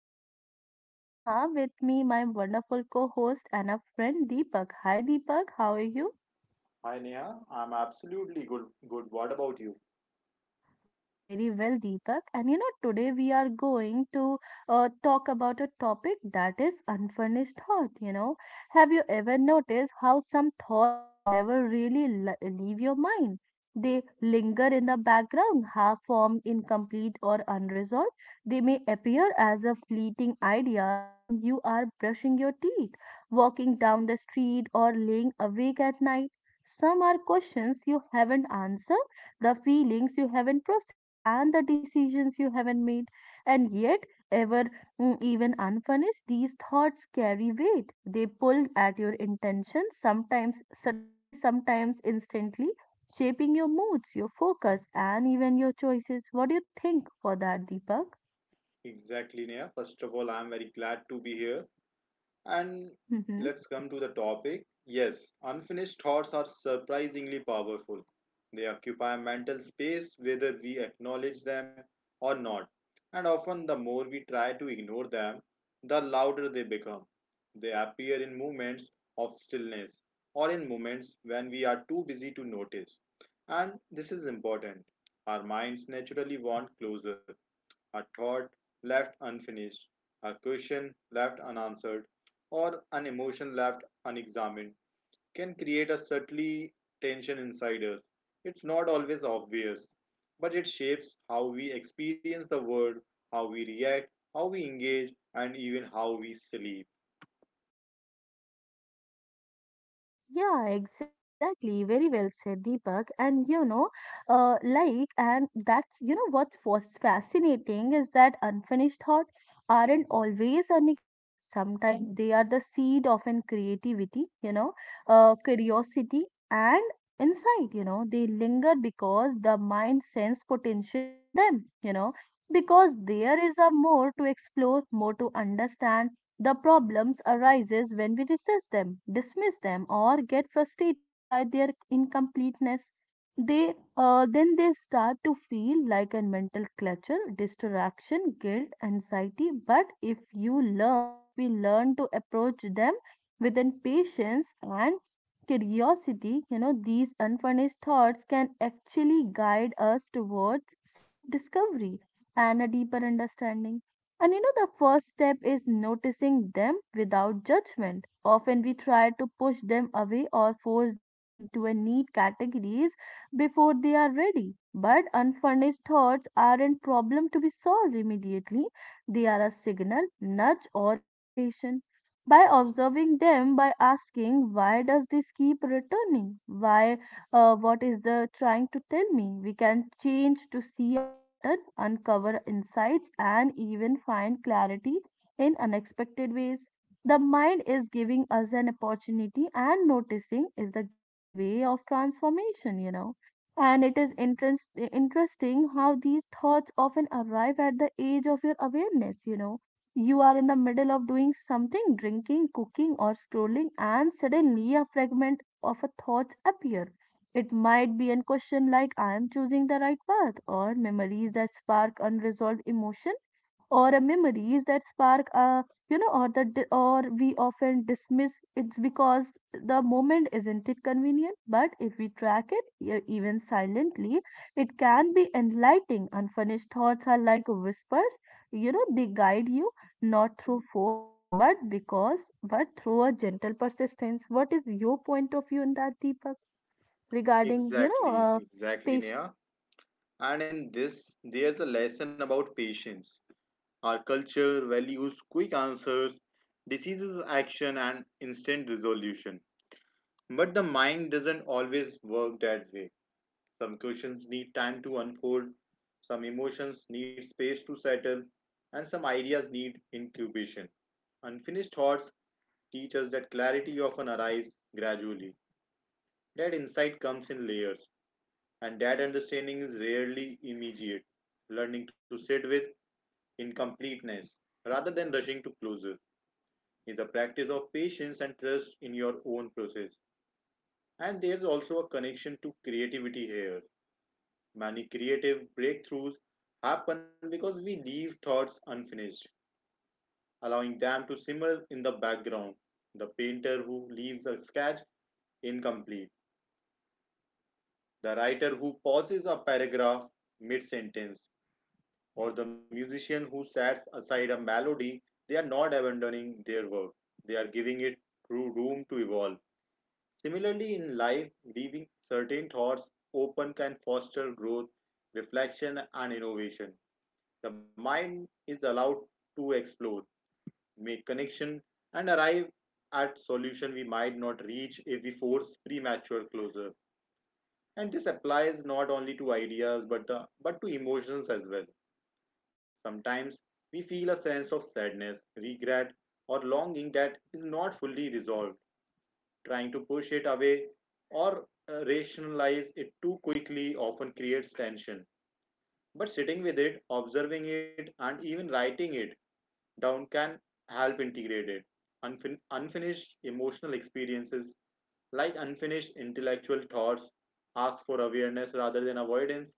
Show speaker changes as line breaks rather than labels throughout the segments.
This is your host Neha with me, my wonderful co host and a friend Deepak. Hi Deepak, how are you?
Hi Neha, I'm absolutely good. Good. What about you?
I am very well, Deepak. And you know, today we are going to talk about a topic that is unfurnished thought. You know, have you ever noticed how some thoughts never really leave your mind? They linger in the background, half formed, incomplete, or unresolved. They may appear as a fleeting ideas when you are brushing your teeth, walking down the street, or laying awake at night. Some are questions you haven't answered, the feelings you haven't processed, and the decisions you haven't made. And yet, ever even unfinished, these thoughts carry weight. They pull at your intentions, sometimes subtly, sometimes instantly, shaping your moods, your focus, and even your choices. What do you think for that, Deepak?
Exactly, Neha. First of all, I'm very glad to be here. And
Hmm.
let's come to the topic. Yes, unfinished thoughts are surprisingly powerful. They occupy mental space whether we acknowledge them or not. And often, the more we try to ignore them, the louder they become. They appear in moments of stillness or in moments when we are too busy to notice. And this is important. Our minds naturally want closure, a thought left unfinished, a question left unanswered, or an emotion left unexamined can create a subtly tension inside us. It's not always obvious, but it shapes how we experience the world, how we react, how we engage, and even how we sleep.
Yeah, exactly. Very well said, Deepak. And you know, like, and that's, what's was fascinating is that unfinished thought aren't always a negative. Sometimes they are the seed of in creativity, curiosity and insight, they linger because the mind sense potential in them, because there is a more to explore, more to understand. The problems arises when we resist them, dismiss them, or get frustrated by their incompleteness. They then they start to feel like a mental clutter, distraction, guilt, anxiety. But if we learn to approach them with patience and curiosity, these unfinished thoughts can actually guide us towards self discovery and a deeper understanding. And you know, the first step is noticing them without judgment. Often we try to push them away or force them into a neat categories before they are ready. But unfurnished thoughts aren't problem to be solved immediately. They are a signal, nudge, or invitation. By observing them, by asking, why does this keep returning? Why what is the trying to tell me? We can change to see a pattern, uncover insights, and even find clarity in unexpected ways. The mind is giving us an opportunity, and noticing is the gateway of transformation. And it interesting how these thoughts often arrive at the age of your awareness, you know. You are in the middle of doing something, drinking, cooking, or scrolling, and suddenly a fragment of a thought appear. It might be a question like, I am choosing the right path, or memories that spark unresolved emotion, or a memories that spark a or the or we often dismiss it's because the moment isn't it convenient. But if we track it even silently, it can be enlightening. Unfinished thoughts are like whispers, they guide you not through force, but because but through a gentle persistence. What is your point of view in that, Deepak? Regarding
Exactly, exactly,
patient.
Neha. And in this, there's a lesson about patience. Our culture values quick answers, diseases action, and instant resolution. But the mind doesn't always work that way. Some questions need time to unfold, some emotions need space to settle, and some ideas need incubation. Unfinished thoughts teach us that clarity often arrives gradually, that insight comes in layers, and that understanding is rarely immediate. Learning to sit with incompleteness rather than rushing to closure is the practice of patience and trust in your own process. And there's also a connection to creativity here. Many creative breakthroughs happen because we leave thoughts unfinished, allowing them to simmer in the background. The painter who leaves a sketch incomplete, the writer who pauses a paragraph mid sentence, or the musician who sets aside a melody, they are not abandoning their work. They are giving it room to evolve. Similarly, in life, leaving certain thoughts open can foster growth, reflection, and innovation. The mind is allowed to explore, make connection, and arrive at solution we might not reach if we force premature closure. And this applies not only to ideas but to emotions as well. Sometimes we feel a sense of sadness, regret, or longing that is not fully resolved. Trying to push it away or rationalize it too quickly often creates tension. But sitting with it, observing it, and even writing it down can help integrate it. Unfinished emotional experiences, like unfinished intellectual thoughts, ask for awareness rather than avoidance.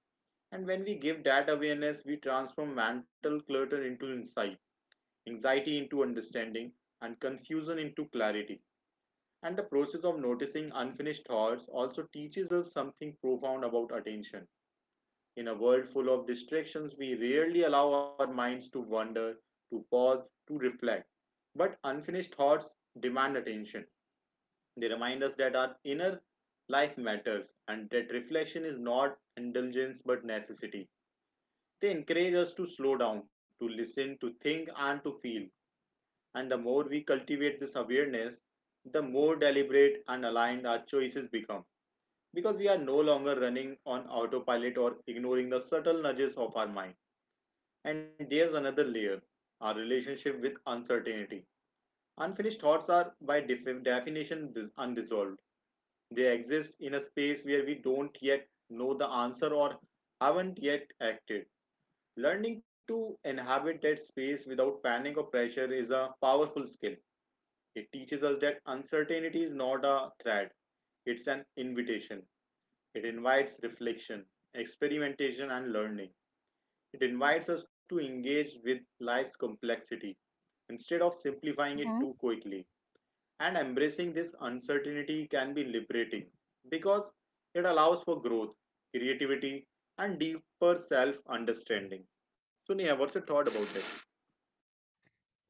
And when we give that awareness, we transform mental clutter into insight, anxiety into understanding, and confusion into clarity. And the process of noticing unfinished thoughts also teaches us something profound about attention. In a world full of distractions, we rarely allow our minds to wander, to pause, to reflect. But unfinished thoughts demand attention. They remind us that our inner life matters and that reflection is not indulgence but necessity. They encourage us to slow down, to listen, to think, and to feel. And the more we cultivate this awareness, the more deliberate and aligned our choices become, because we are no longer running on autopilot or ignoring the subtle nudges of our mind. And there's another layer, our relationship with uncertainty. Unfinished thoughts are, by definition, unresolved. They exist in a space where we don't yet know the answer or haven't yet acted. Learning to inhabit that space without panic or pressure is a powerful skill. It teaches us that uncertainty is not a threat, it's an invitation. It invites reflection, experimentation, and learning. It invites us to engage with life's complexity instead of simplifying it too quickly. And embracing this uncertainty can be liberating because it allows for growth, creativity, and deeper self understanding. So, Neha, what's your thought about it?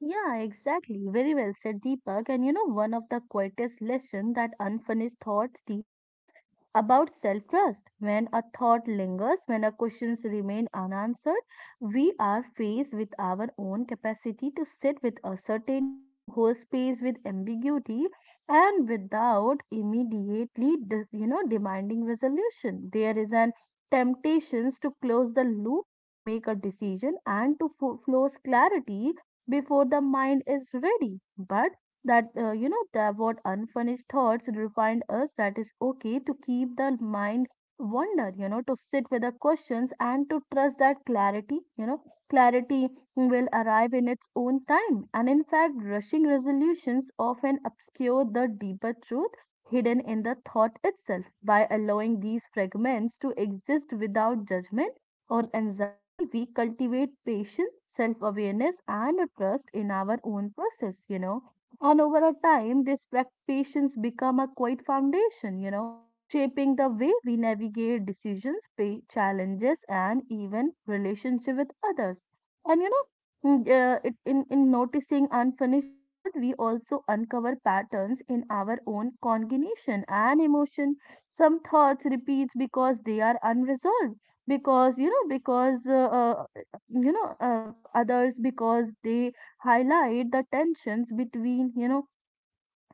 Yeah, exactly. Very well said, Deepak. And you know, one of the quietest lessons that unfinished thoughts teach us about self-trust. When a thought lingers, when our questions remain unanswered, we are faced with our own capacity to sit with uncertainty, to hold space with ambiguity, and without immediately, demanding resolution. There is an temptations to close the loop, to make a decision, and to force clarity before the mind is ready. But that what unfinished thoughts remind us that is okay to keep the mind wonder, to sit with the questions and to trust that clarity will arrive in its own time. And in fact, rushing resolutions often obscure the deeper truth hidden in the thought itself. By allowing these fragments to exist without judgment or anxiety, we cultivate patience, self awareness, and a trust in our own process. And over a time, this patience become a quiet foundation, shaping the way we navigate decisions, pay challenges, and even relationship with others. And in noticing unfinished thought, we also uncover patterns in our own cognition and emotion. Some thoughts repeats because they are unresolved, because you know others because they highlight the tensions between,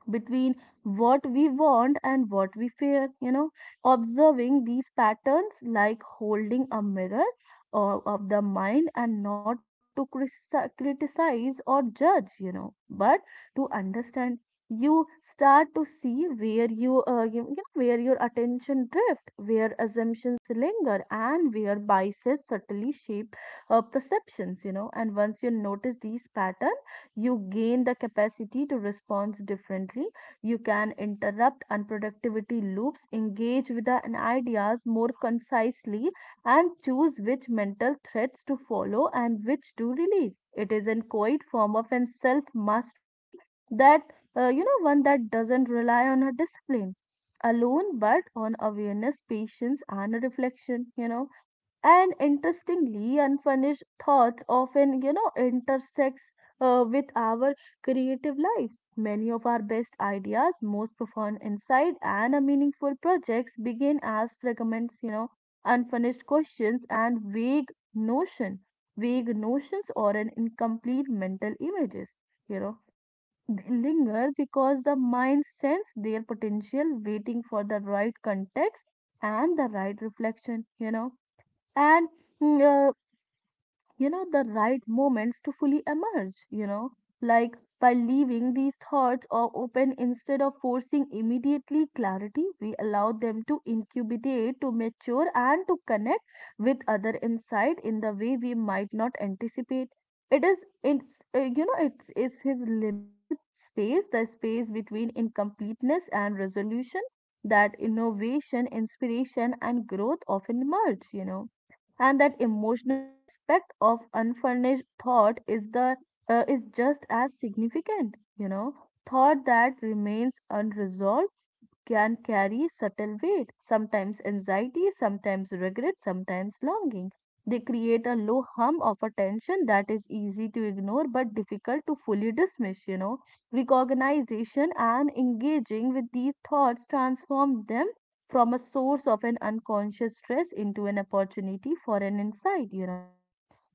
between what we want and what we fear. Observing these patterns like holding a mirror or of the mind, and not to criticize or judge, but to understand. You start to see where where your attention drift, where assumptions linger, and where biases subtly shape perceptions, and once you notice these patterns, you gain the capacity to respond differently. You can interrupt unproductivity loops, engage with the ideas more concisely, and choose which mental threads to follow and which to release. It is a quiet form of an self mastery, that, one that doesn't rely on a discipline alone, but on awareness, patience, and reflection, you know. And interestingly, unfinished thoughts often, intersects with our creative lives. Many of our best ideas, most profound insight, and meaningful projects begin as fragments, unfinished questions and vague notions or an incomplete mental images, you know they linger because the mind sense their potential, waiting for the right context and the right reflection, and mm, uh, the right moments to fully emerge, you know. Like, by leaving these thoughts or open instead of forcing immediately clarity, we allow them to incubate, to mature, and to connect with other insight in the way we might not anticipate. It is it's uh, you know it's it's his liminal space, the space between incompleteness and resolution, that innovation, inspiration, and growth often merge, you know. And that emotional aspect of unfurnished thought is the, is just as significant, you know. Thought that remains unresolved can carry subtle weight, sometimes anxiety, sometimes regret, sometimes longing. They create a low hum of attention that is easy to ignore but difficult to fully dismiss. Recognition and engaging with these thoughts transform them from a source of an unconscious stress into an opportunity for an insight, you know.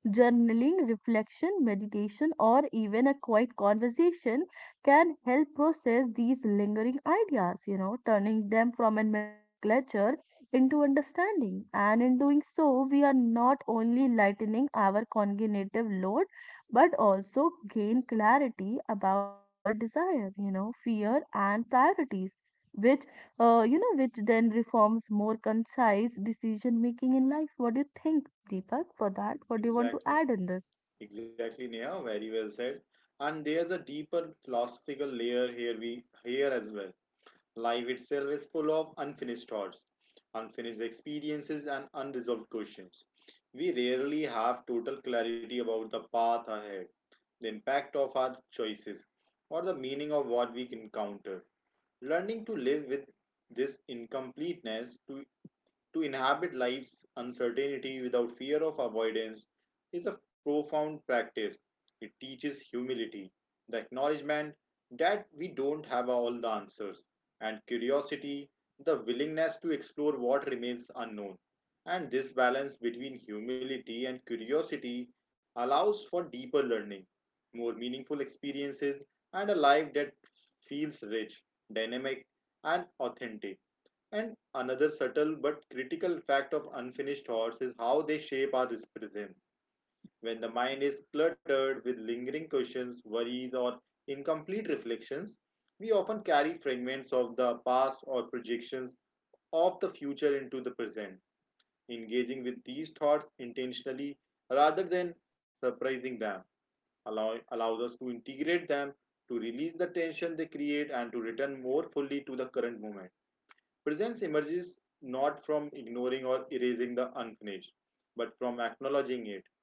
Journaling, reflection, meditation, or even a quiet conversation can help process these lingering ideas, turning them from a mental clutter into understanding. And in doing so, we are not only lightening our cognitive load, but also gain clarity about our desire, fear, and priorities, which, which then reforms more concise decision making in life. What do you think, Deepak, for that? What do you want to
Exactly.
add in this?
Exactly, Neha. Very well said. And there's a deeper philosophical layer here we here as well. Life itself is full of unfinished thoughts, unfinished experiences, and unresolved questions. We rarely have total clarity about the path ahead, the impact of our choices, or the meaning of what we encounter. Learning to live with this incompleteness to inhabit life's uncertainty without fear of avoidance is a profound practice. It teaches humility, the acknowledgement that we don't have all the answers, and curiosity, the willingness to explore what remains unknown. And this balance between humility and curiosity allows for deeper learning, more meaningful experiences, and a life that feels rich, dynamic, and authentic. And another subtle but critical fact of unfinished thoughts is how they shape our presence. When the mind is cluttered with lingering questions, worries, or incomplete reflections, we often carry fragments of the past or projections of the future into the present. Engaging with these thoughts intentionally rather than surprising them allows us to integrate them, to release the tension they create, and to return more fully to the current moment. Presence emerges not from ignoring or erasing the unfinished, but from acknowledging it,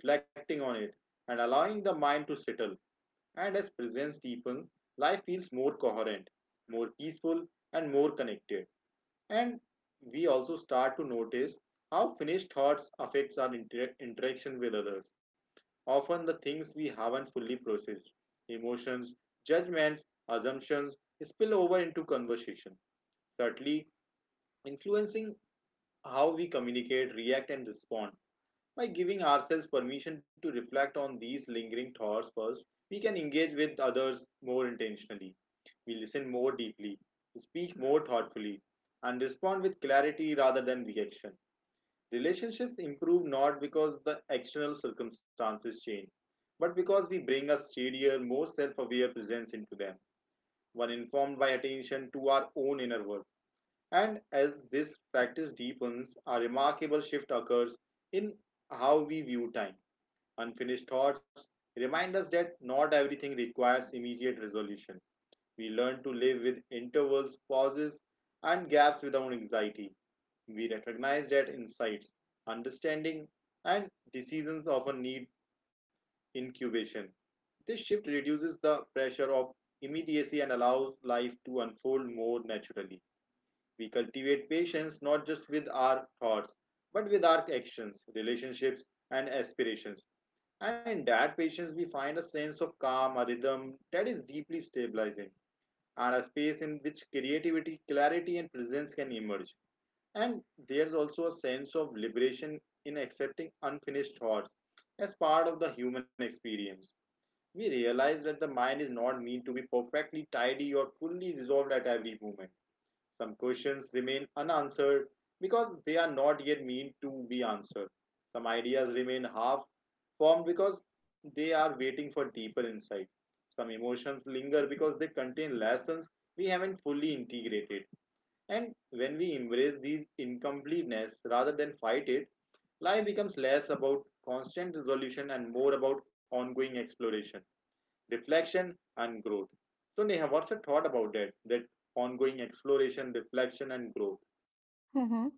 reflecting on it, and allowing the mind to settle. And as presence deepens, life feels more coherent, more peaceful, and more connected. And we also start to notice how finished thoughts affects our interaction with others. Often the things we haven't fully processed, emotions, judgments, assumptions spill over into conversation, subtly influencing how we communicate, react, and respond. By giving ourselves permission to reflect on these lingering thoughts first, we can engage with others more intentionally. We listen more deeply, speak more thoughtfully, and respond with clarity rather than reaction. Relationships improve not because the external circumstances change, but because we bring a steadier, more self aware presence into them, one informed by attention to our own inner world. And as this practice deepens, a remarkable shift occurs in how we view time. Unfinished thoughts remind us that not everything requires immediate resolution. We learn to live with intervals, pauses, and gaps without anxiety. We recognize that insights, understanding, and decisions often need incubation. This shift reduces the pressure of immediacy and allows life to unfold more naturally. We cultivate patience not just with our thoughts, but with our actions, relationships, and aspirations. And in that patience, we find a sense of calm, a rhythm that is deeply stabilizing, and a space in which creativity, clarity, and presence can emerge. And there's also a sense of liberation in accepting unfinished thoughts as part of the human experience. We realize that the mind is not meant to be perfectly tidy or fully resolved at every moment, some questions remain unanswered because they are not yet meant to be answered. Some ideas remain half formed because they are waiting for deeper insight. Some emotions linger because they contain lessons we haven't fully integrated. And when we embrace these incompleteness rather than fight it, life becomes less about constant resolution and more about ongoing exploration, reflection, and growth. So Neha, what's your thought about that? That ongoing exploration, reflection, and growth.
Mm-hmm.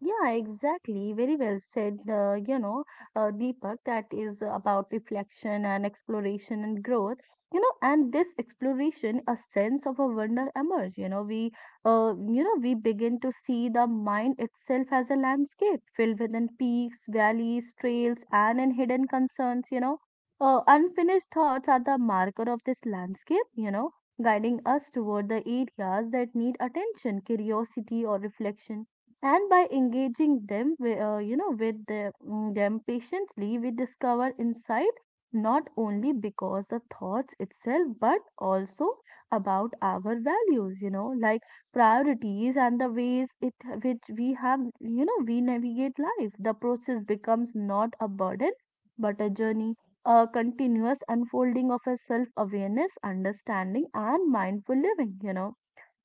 Yeah, exactly. Very well said, Deepak, that is about reflection and exploration and growth. You know, and this exploration, a sense of a wonder emerge. You know, we begin to see the mind itself as a landscape filled with in peaks, valleys, trails, and in hidden concerns. You know, unfinished thoughts are the marker of this landscape. You know, guiding us toward the areas that need attention, curiosity, or reflection, and by engaging them with them patiently, we discover insight not only because the thoughts itself, but also about our values, like priorities and the ways it which we have, we navigate life. The process becomes not a burden, but a journey, a continuous unfolding of a self awareness, understanding, and mindful living, you know.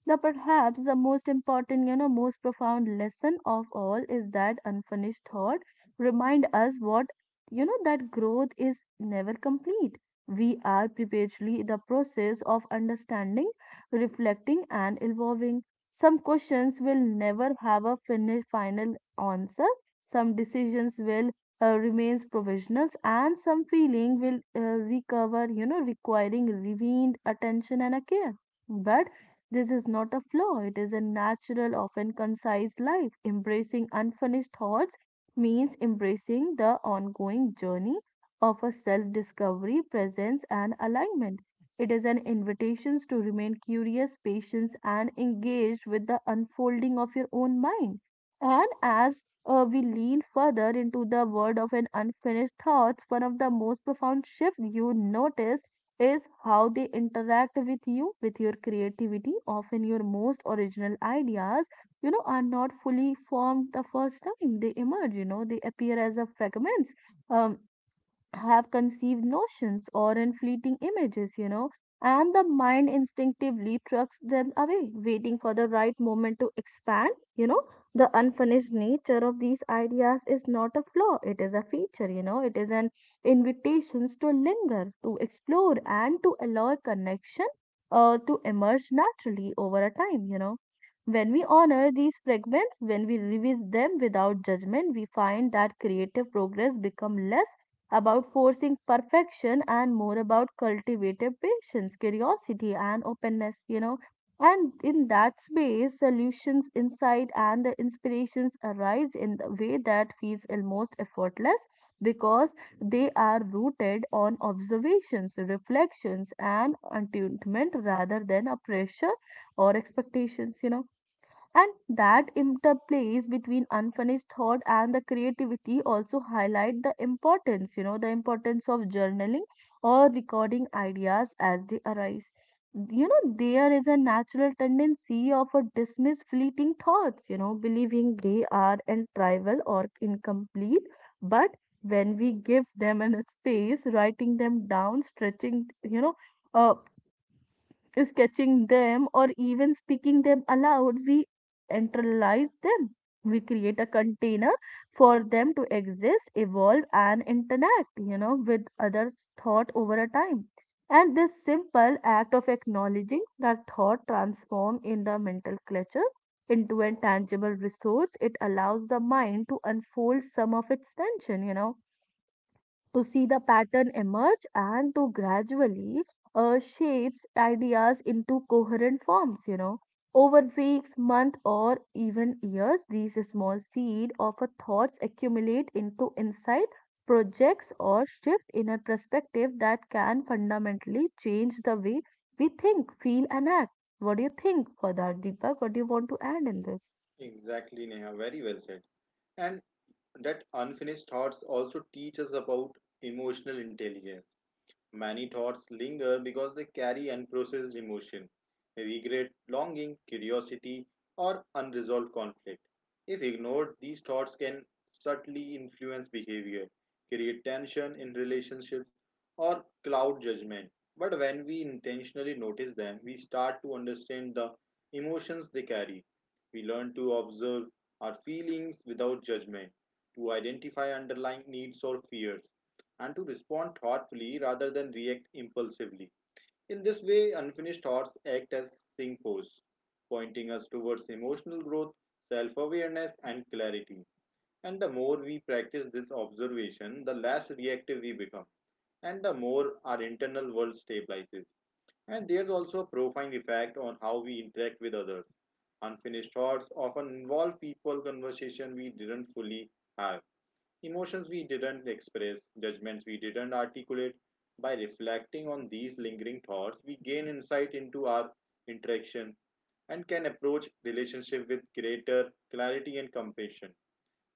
The perhaps the most important, most profound lesson of all is that unfinished thought remind us what, that growth is never complete. We are perpetually the process of understanding, reflecting, and evolving. Some questions will never have a final answer. Some decisions will remains provisional, and some feeling will recover, you know, requiring revened attention and a care. But this is not a flaw, it is a natural, often concise life. Embracing unfinished thoughts means embracing the ongoing journey of a self discovery, presence, and alignment. It is an invitation to remain curious, patient, and engaged with the unfolding of your own mind. And as, we lean further into the world of an unfinished thoughts, one of the most profound shifts you notice is how they interact with you, with your creativity. Often, your most original ideas, are not fully formed the first time they emerge, they appear as a fragments. Um, have conceived notions or in fleeting images, and the mind instinctively trucks them away, waiting for the right moment to expand. You know, the unfinished nature of these ideas is not a flaw, it is a feature, it is an invitation to linger, to explore, and to allow a connection to emerge naturally over a time, you know. When we honor these fragments, when we revisit them without judgment, we find that creative progress become less about forcing perfection and more about cultivated patience, curiosity, and openness. And in that space, solutions, insight, and the inspirations arise in the way that feels almost effortless because they are rooted on observations, reflections, and attunement rather than a pressure or expectations. And that interplays between unfinished thought and the creativity also highlight the importance, the importance of journaling or recording ideas as they arise. There is a natural tendency of a dismiss fleeting thoughts, believing they are untrivial or incomplete. But when we give them a space, writing them down, uh, sketching them, or even speaking them aloud, we internalize them. We create a container for them to exist, evolve, and interact, with others' thought over a time. And this simple act of acknowledging that thought transforms in the mental clutter into a tangible resource. It allows the mind to unfold some of its tension, to see the pattern emerge, and to gradually shapes ideas into coherent forms over weeks, months, or even years. These small seed of a thoughts accumulate into insight, projects, or shift in a perspective that can fundamentally change the way we think, feel, and act. What do you think for that, Deepak? What do you want to add in this?
Exactly, Neha. Very well said. And that unfinished thoughts also teach us about emotional intelligence. Many thoughts linger because they carry unprocessed emotion, regret, longing, curiosity, or unresolved conflict. If ignored, these thoughts can subtly influence behavior, create tension in relationships, or cloud judgment. But when we intentionally notice them, we start to understand the emotions they carry. We learn to observe our feelings without judgment, to identify underlying needs or fears, and to respond thoughtfully rather than react impulsively. In this way, unfinished thoughts act as signposts, pointing us towards emotional growth, self awareness, and clarity. And the more we practice this observation, the less reactive we become, and the more our internal world stabilizes. And there's also a profound effect on how we interact with others. Unfinished thoughts often involve people, conversation we didn't fully have, emotions we didn't express, judgments we didn't articulate. By reflecting on these lingering thoughts, we gain insight into our interaction and can approach relationship with greater clarity and compassion.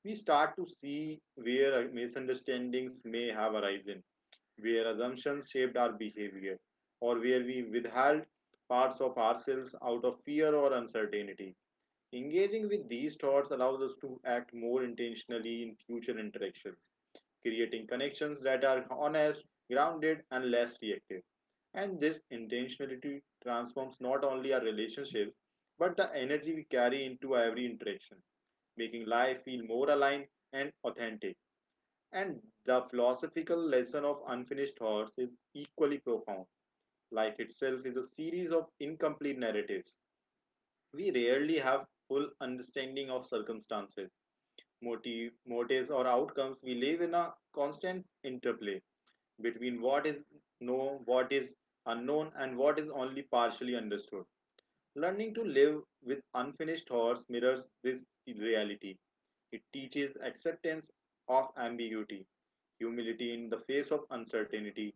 We start to see where misunderstandings may have arisen, where assumptions shaped our behavior, or where we withheld parts of ourselves out of fear or uncertainty. Engaging with these thoughts allows us to act more intentionally in future interactions, creating connections that are honest, grounded, and less reactive. And this intentionality transforms not only our relationships, but the energy we carry into every interaction, making life feel more aligned and authentic. And the philosophical lesson of unfinished thoughts is equally profound. Life itself is a series of incomplete narratives. We rarely have full understanding of circumstances, motives, or outcomes. We live in a constant interplay between what is known, what is unknown, and what is only partially understood. Learning to live with unfinished thoughts mirrors this reality. It teaches acceptance of ambiguity, humility in the face of uncertainty,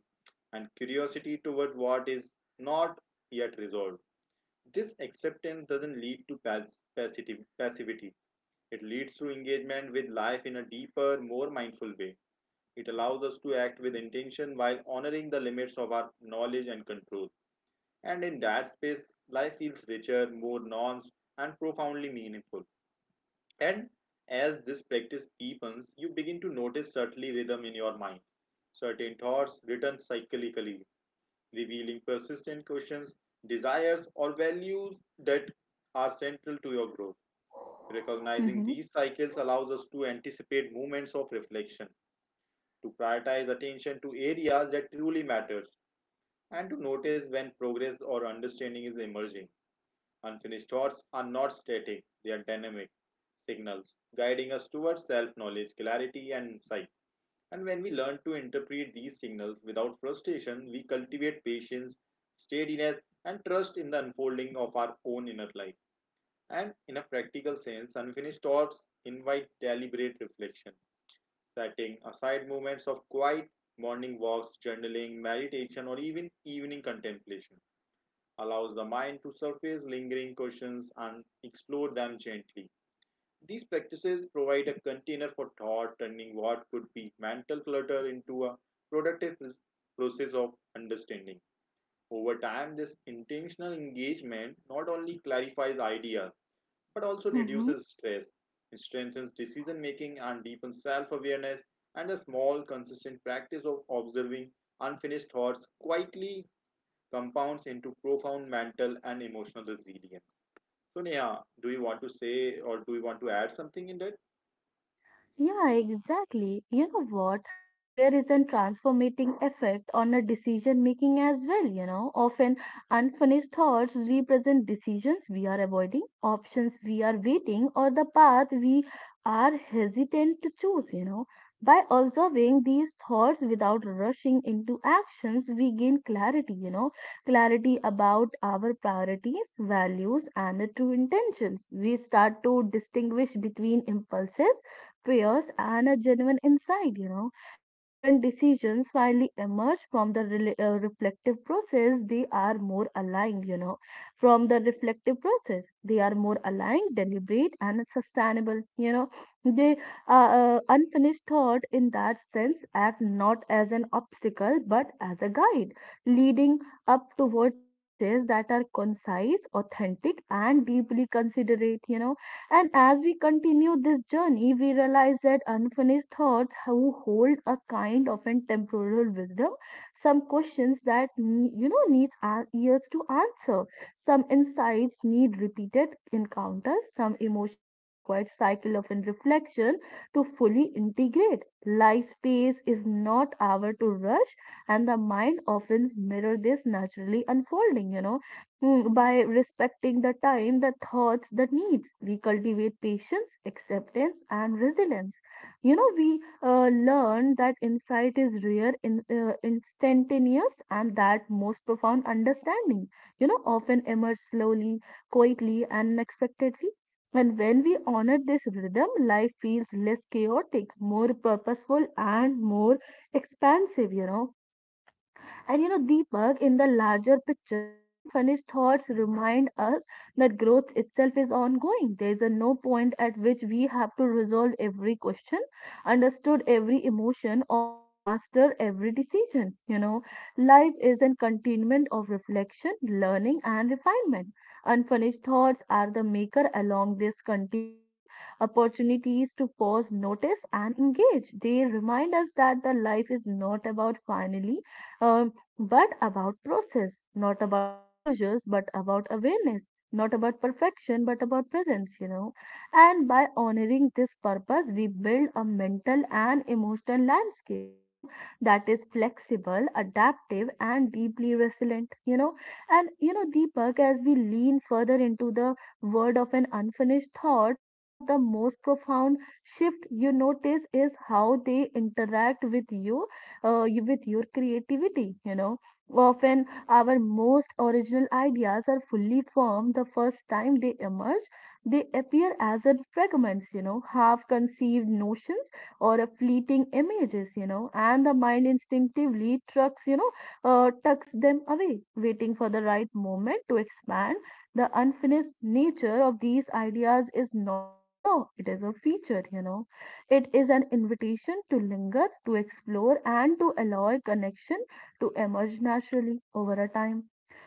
and curiosity toward what is not yet resolved. This acceptance doesn't lead to passivity. It leads to engagement with life in a deeper, more mindful way. It allows us to act with intention while honoring the limits of our knowledge and control. And in that space, life feels richer, more nuanced, and profoundly meaningful. And as this practice deepens, you begin to notice certainly rhythm in your mind. Certain thoughts return cyclically, revealing persistent questions, desires, or values that are central to your growth. Recognizing
Mm-hmm.
these cycles allows us to anticipate moments of reflection, to prioritize attention to areas that truly matters, and to notice when progress or understanding is emerging. Unfinished thoughts are not static, they are dynamic signals guiding us towards self-knowledge, clarity, and insight. And when we learn to interpret these signals without frustration, we cultivate patience, steadiness, and trust in the unfolding of our own inner life. And in a practical sense, unfinished thoughts invite deliberate reflection, setting aside moments of quiet, morning walks, journaling, meditation, or even evening contemplation allows the mind to surface lingering questions and explore them gently. These practices provide a container for thought, turning what could be mental clutter into a productive process of understanding. Over time, this intentional engagement not only clarifies ideas but also
Mm-hmm.
reduces stress. It strengthens decision making and deepens self awareness, and a small, consistent practice of observing unfinished thoughts quietly compounds into profound mental and emotional resilience. So, Neha, do you want to say or do you want to add something in that?
Yeah, exactly. You know what? There is a transformating effect on a decision making as well. Often unfinished thoughts represent decisions we are avoiding, options we are waiting, or the path we are hesitant to choose. By observing these thoughts without rushing into actions, we gain clarity, clarity about our priorities, values, and the true intentions. We start to distinguish between impulses, fears, and a genuine insight. And when decisions finally emerge from the reflective process, they are more aligned. From the reflective process, they are more aligned, deliberate, and sustainable. They unfinished thought in that sense act not as an obstacle but as a guide, leading up toward choices that are concise, authentic, and deeply considerate. And as we continue this journey, we realize that unfinished thoughts who hold a kind of an temporal wisdom. Some questions that needs our ears to answer, some insights need repeated encounters, some emotions require cycle of an reflection to fully integrate. Life pace is not our to rush, and the mind often mirror this naturally unfolding. By respecting the time, the thoughts, the needs, we cultivate patience, acceptance, and resilience. We learn that insight is rare, instantaneous, and that most profound understanding, often emerge slowly, quietly, and unexpectedly. And when we honor this rhythm, life feels less chaotic, more purposeful, and more expansive. And Deepak, in the larger picture, unfinished thoughts remind us that growth itself is ongoing. There is a no point at which we have to resolve every question, understood every emotion, or master every decision. Life is a continuum of reflection, learning, and refinement. Unfinished thoughts are the maker along this continuum, opportunities to pause, notice, and engage. They remind us that the life is not about finally um, but about process, not about closures, but about awareness, not about perfection, but about presence. And by honoring this purpose, we build a mental and emotional landscape, that is flexible, adaptive, and deeply resilient. And, Deepak, as we lean further into the word of an unfinished thought, one of the most profound shift you notice is how they interact with your creativity. Often our most original ideas are fully formed the first time they emerge. They appear as a fragments, half conceived notions or a fleeting images, and the mind instinctively tucks them away, waiting for the right moment to expand. The unfinished nature of these ideas is not a flaw, it is a feature. It is an invitation to linger, to explore, and to allow a connection to emerge naturally over a time.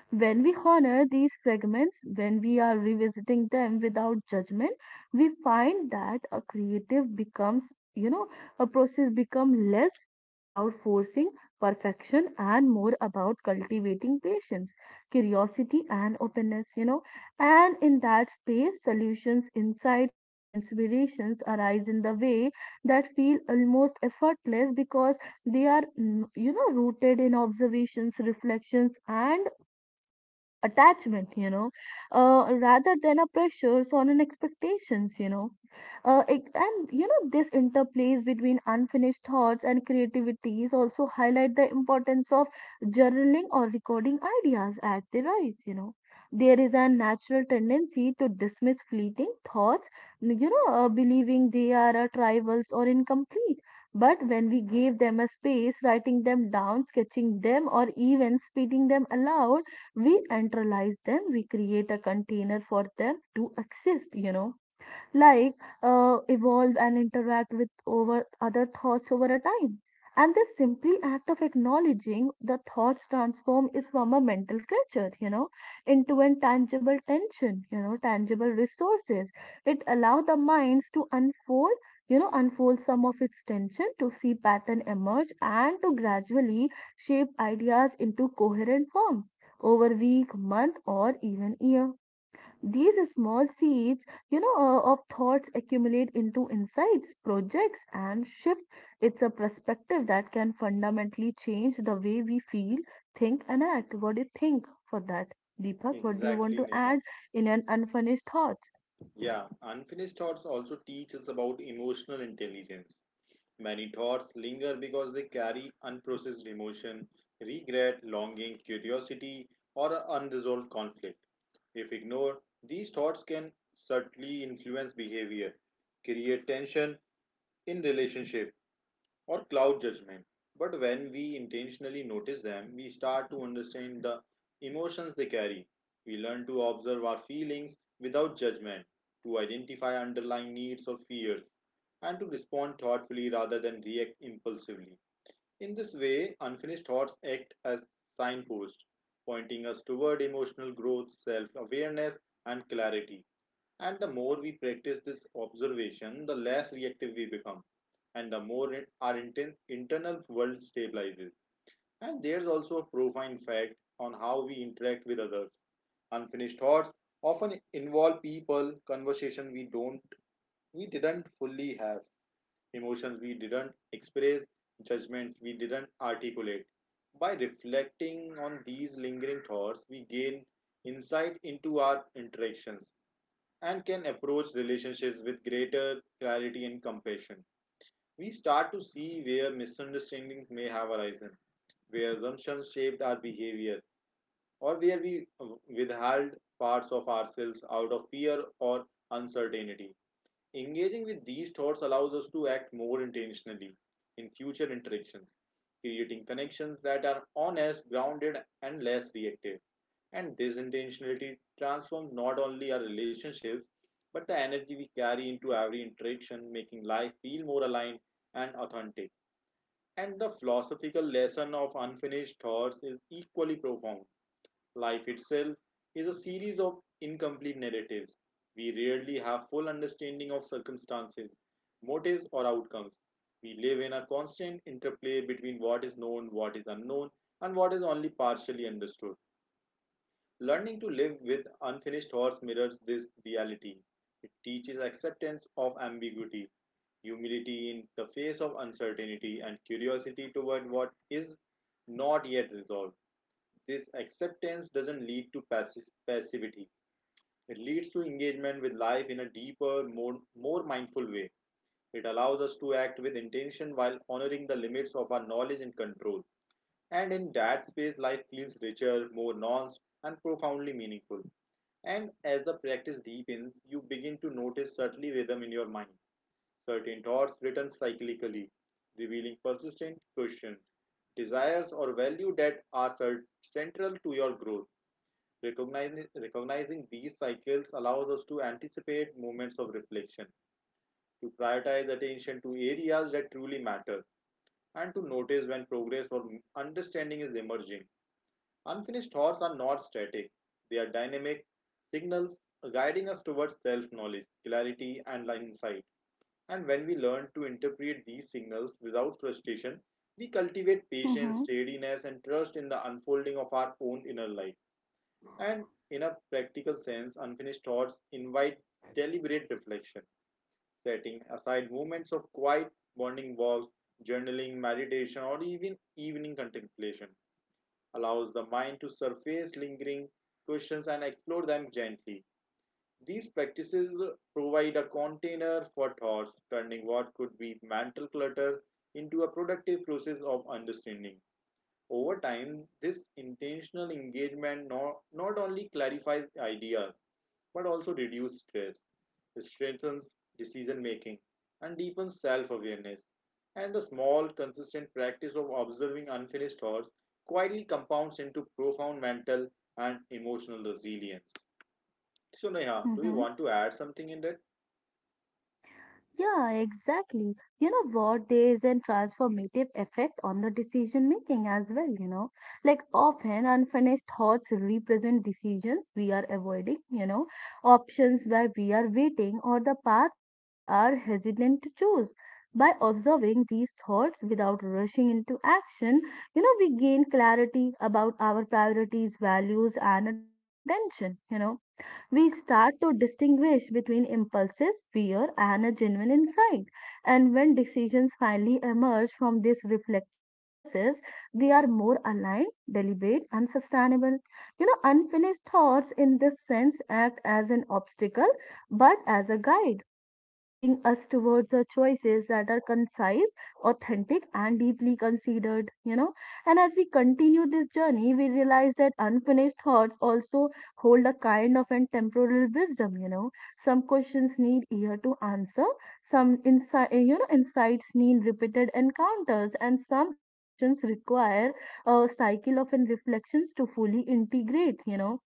When we honor these fragments, when we are revisiting them without judgment, we find that a creative becomes, you know, a process become less about forcing perfection and more about cultivating patience, curiosity, and openness. And in that space, solutions, insight, and inspirations arise in the way that feel almost effortless because they are rooted in observations, reflections, and attachment, rather than a pressures or an expectations. This interplays between unfinished thoughts and creativities also highlight the importance of journaling or recording ideas at the rise. There is a natural tendency to dismiss fleeting thoughts, believing they are tribals or incomplete. But when we give them a space, writing them down, sketching them, or even speaking them aloud, we enteralize them. We create a container for them to exist you know like uh, evolve, and interact with over other thoughts over a time. And this simply act of acknowledging the thoughts transform is from a mental culture, into an tangible tension, you know, tangible resources. It allow the minds to unfold some of its tension, to see pattern emerge, and to gradually shape ideas into coherent form over week, month, or even year. These small seeds of thoughts accumulate into insights, projects, and shift. It's a perspective that can fundamentally change the way we feel, think, and act. What do you think for that, Deepak? What do you want
Exactly,
to
Neha.
add in an unfinished thought?
Yeah, unfinished thoughts also teach us about emotional intelligence. Many thoughts linger because they carry unprocessed emotion, regret, longing, curiosity, or a unresolved conflict. If ignored, these thoughts can subtly influence behavior, create tension in relationship, or cloud judgment. But when we intentionally notice them, we start to understand the emotions they carry. We learn to observe our feelings without judgment, to identify underlying needs or fears, and to respond thoughtfully rather than react impulsively. In this way, unfinished thoughts act as signposts, pointing us toward emotional growth, self awareness, and clarity. And the more we practice this observation, the less reactive we become, and the more our internal world stabilizes. And there's also a profound fact on how we interact with others. Unfinished thoughts often involve people, conversation we didn't fully have, emotions we didn't express, judgments we didn't articulate. By reflecting on these lingering thoughts, we gain insight into our interactions and can approach relationships with greater clarity and compassion. We start to see where misunderstandings may have arisen, where assumptions shaped our behavior, or where we withheld parts of ourselves out of fear or uncertainty. Engaging with these thoughts allows us to act more intentionally in future interactions, creating connections that are honest, grounded, and less reactive. And this intentionality transforms not only our relationships but the energy we carry into every interaction, making life feel more aligned and authentic. And the philosophical lesson of unfinished thoughts is equally profound. Life itself is a series of incomplete narratives. We rarely have full understanding of circumstances, motives or outcomes. We live in a constant interplay between what is known, what is unknown, and what is only partially understood. Learning to live with unfinished thoughts mirrors this reality. It teaches acceptance of ambiguity, humility in the face of uncertainty, and curiosity toward what is not yet resolved. This acceptance doesn't lead to passivity. It leads to engagement with life in a deeper, more mindful way. It allows us to act with intention while honoring the limits of our knowledge and control. And in that space, life feels richer, more nuanced, and profoundly meaningful. And as the practice deepens, you begin to notice certain rhythm in your mind. Certain thoughts return cyclically, revealing persistent questions, desires, or value that are central to your growth. Recognizing these cycles allows us to anticipate moments of reflection, to prioritize attention to areas that truly matter, and to notice when progress or understanding is emerging. Unfinished thoughts are not static, they are dynamic signals guiding us towards self knowledge, clarity, and insight. And when we learn to interpret these signals without frustration, we cultivate
Mm-hmm,
patience, steadiness, and trust in the unfolding of our own inner life. And in a practical sense, unfinished thoughts invite deliberate reflection, setting aside moments of quiet, bonding walks, journaling, meditation, or even evening contemplation allows the mind to surface lingering questions and explore them gently. These practices provide a container for thoughts, turning what could be mental clutter into a productive process of understanding. Over time, this intentional engagement not only clarifies ideas but also reduce stress. It strengthens decision making and deepens self awareness. And the small, consistent practice of observing unfinished thoughts quietly compounds into profound mental and emotional resilience. So, Neha, do you
mm-hmm.
want to add something in that?
Yeah, exactly. You know what? There is a transformative effect on the decision making as well. Like often unfinished thoughts represent decisions we are avoiding, options where we are waiting or the paths we are hesitant to choose. By observing these thoughts without rushing into action, we gain clarity about our priorities, values, and a true intention. We start to distinguish between impulses, fear, and a genuine insight. And when decisions finally emerge from this reflective process, they are more aligned, deliberate, and sustainable. Unfinished thoughts in this sense act as an obstacle but as a guide, leading us towards the choices that are concise, authentic, and deeply considered. And as we continue this journey, we realize that unfinished thoughts also hold a kind of and temporal wisdom. Some questions need ear to answer, some insights need repeated encounters, and some emotions require a cycle of and reflections to fully integrate.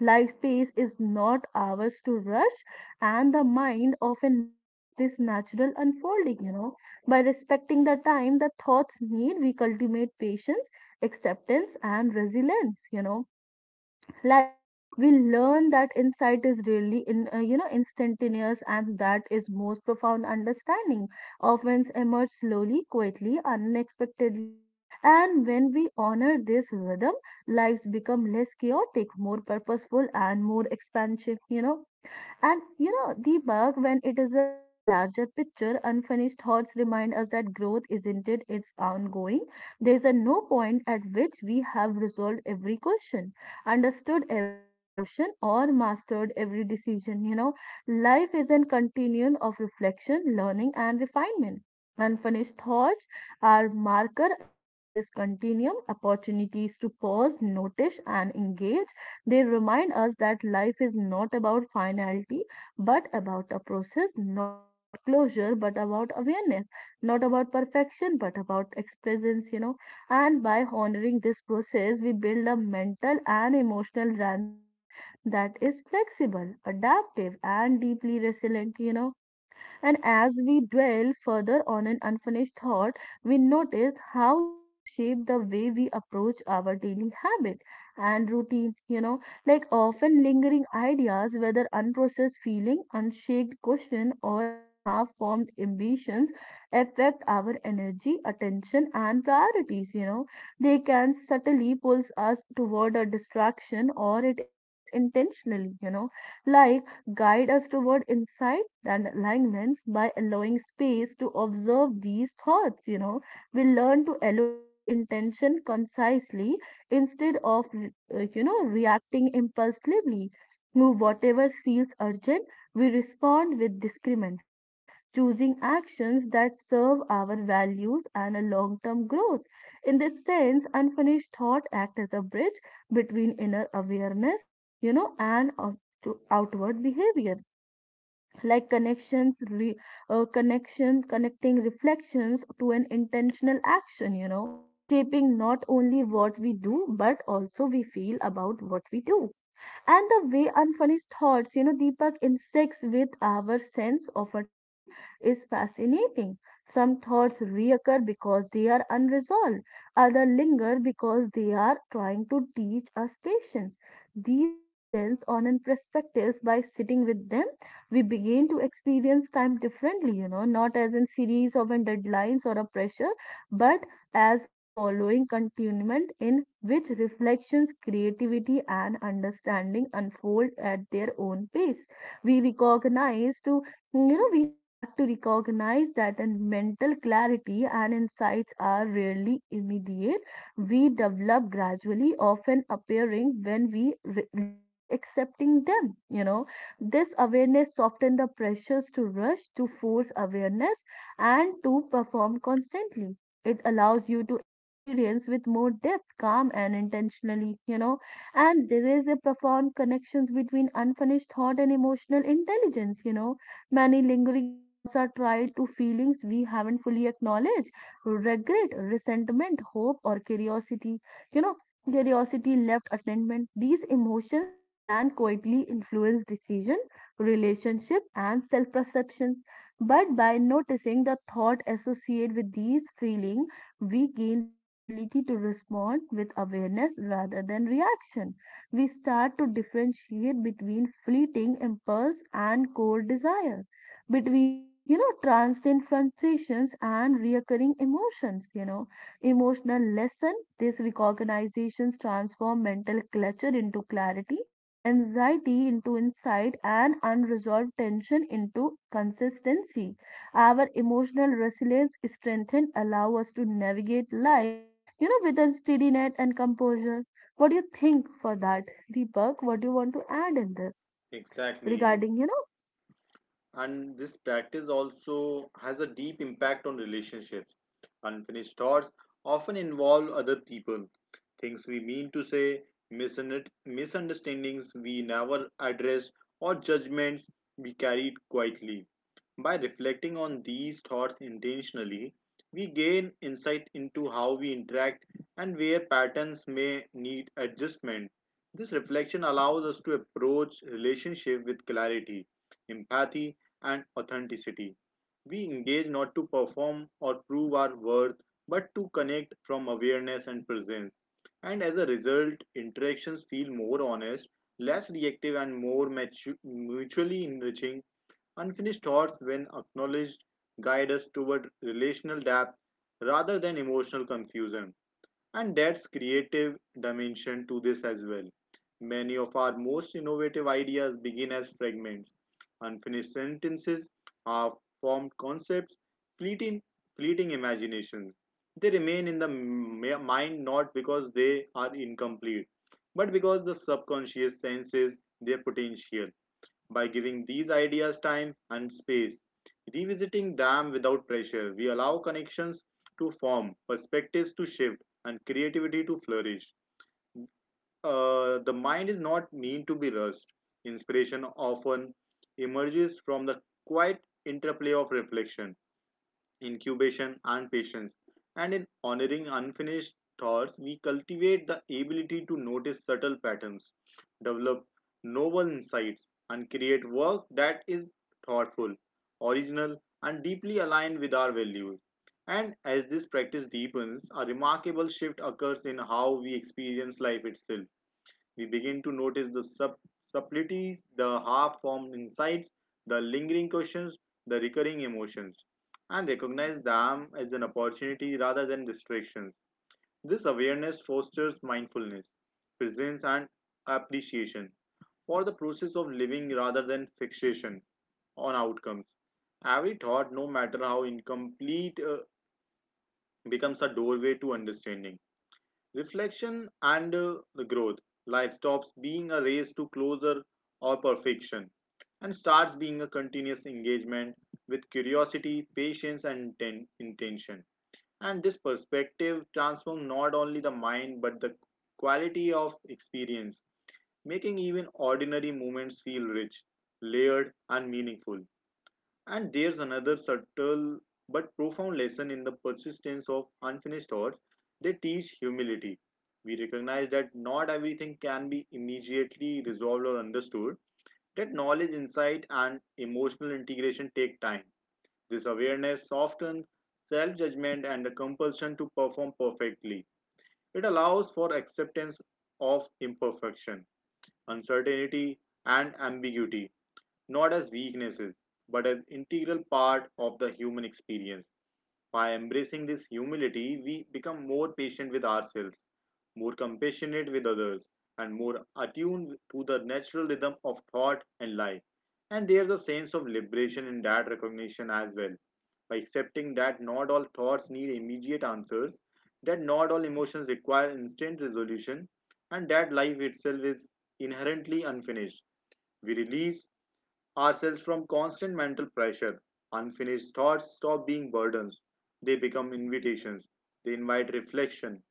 Life pace is not ours to rush, and the mind often mirrors this natural unfolding. By respecting the time that thoughts need, we cultivate patience, acceptance, and resilience you know like we learn that insight is really in you know instantaneous, and that is most profound understanding often emerge slowly, quietly, unexpectedly. And when we honor this rhythm, lives become less chaotic, more purposeful, and more expansive. And Deepak, when it is a larger picture, unfinished thoughts remind us that growth isn't it, it's ongoing. There is a no point at which we have resolved every question, understood every emotion, or mastered every decision. Life is a continuum of reflection, learning, and refinement. Unfinished thoughts are marker along this continuum, opportunities to pause, notice, and engage. They remind us that life is not about finality, but about a process, not about closure, but about awareness, not about perfection, but about presence. And by honoring this process, we build a mental and emotional landscape that is flexible, adaptive, and deeply resilient. And as we dwell further on an unfinished thought, we notice how they shape the way we approach our daily habit and routine, like often lingering ideas, whether unprocessed feeling, unshaked question, or an half formed ambitions, affect our energy, attention, and priorities. They can subtly pulls us toward a distraction or it embrace intentionally, you know like guide us toward insight and alignments by allowing space to observe these thoughts. We learn to allocate intention concisely instead of reacting impulsively. To whatever feels urgent, we respond with discernment, choosing actions that serve our values and a long term growth. In this sense, unfinished thought acts as a bridge between inner awareness you know and to outward behavior, like connecting reflections to an intentional action, shaping not only what we do, but also we feel about what we do. And the way unfinished thoughts, Deepak, intersects with our sense of our time is fascinating. Some thoughts reoccur because they are unresolved, others linger because they are trying to teach us patience. These presents on and perspectives, by sitting with them, we begin to experience time differently, not as in series of and deadlines or a pressure, but as a following continuum in which reflections, creativity, and understanding unfold at their own pace. We recognize to you know we start to recognize that a mental clarity and insights are rarely immediate. We develop gradually, often appearing when we least accepting them. This awareness softens the pressures to rush, to force awareness, and to perform constantly. It allows you to experience with more depth, calm, and intentionally. And there is a profound connections between unfinished thought and emotional intelligence. Many lingering thoughts are tied to feelings we haven't fully acknowledged: regret, resentment, hope, or curiosity. you know Curiosity left attendment, these emotions can quietly influence decision, relationship, and self perceptions. But by noticing the thought associated with these feelings, we gain the ability to respond with awareness rather than reaction. We start to differentiate between fleeting impulse and core desire, between, transient sensations and reoccurring emotions. Emotional lesson, these recognizations transform mental clutter into clarity, anxiety into insight, and unresolved tension into consistency. Our emotional resilience strengthen allow us to navigate life, with a steadiness and composure. What do you think for that, Deepak? What do you want to add in this
Exactly.
regarding,
And this practice also has a deep impact on relationships. Unfinished thoughts often involve other people, things we mean to say, misunderstandings we never address, or judgments we carried quietly. By reflecting on these thoughts intentionally, we gain insight into how we interact and where patterns may need adjustment. This reflection allows us to approach relationship with clarity, empathy, and authenticity. We engage not to perform or prove our worth, but to connect from awareness and presence. And as a result, interactions feel more honest, less reactive, and more mutually enriching. Unfinished thoughts, when acknowledged, guide us toward relational depth rather than emotional confusion. And that's creative dimension to this as well. Many of our most innovative ideas begin as fragments, unfinished sentences, half formed concepts, fleeting, fleeting imaginations. They remain in the mind not because they are incomplete, but because the subconscious senses their potential. By giving these ideas time and space, revisiting them without pressure, we allow connections to form, perspectives to shift, and creativity to flourish. The mind is not meant to be rushed. Inspiration often emerges from the quiet interplay of reflection, incubation, and patience. And in honoring unfinished thoughts, we cultivate the ability to notice subtle patterns, develop novel insights, and create work that is thoughtful, original, and deeply aligned with our values. And as this practice deepens, a remarkable shift occurs in how we experience life itself. We begin to notice the subtleties, the half formed insights, the lingering questions, the recurring emotions, and recognize them as an opportunity rather than distractions. This awareness fosters mindfulness, presence, and appreciation for the process of living rather than fixation on outcomes. Every thought, no matter how incomplete, becomes a doorway to understanding, reflection, and the growth. Life stops being a race to closer or perfection and starts being a continuous engagement with curiosity, patience, and intention. And this perspective transforms not only the mind but the quality of experience, making even ordinary moments feel rich, layered, and meaningful. And there's another subtle but profound lesson in the persistence of unfinished thoughts. They teach humility. We recognize that not everything can be immediately resolved or understood, that knowledge, insight, and emotional integration take time. This awareness softens self judgment and the compulsion to perform perfectly. It allows for acceptance of imperfection, uncertainty, and ambiguity, not as weaknesses, but as integral part of the human experience. By embracing this humility, we become more patient with ourselves, more compassionate with others, and more attuned to the natural rhythm of thought and life. And there's a sense of liberation in that recognition as well. By accepting that not all thoughts need immediate answers, that not all emotions require instant resolution, and that life itself is inherently unfinished, we release ourselves from constant mental pressure. Unfinished thoughts stop being burdens, they become invitations. They invite reflection,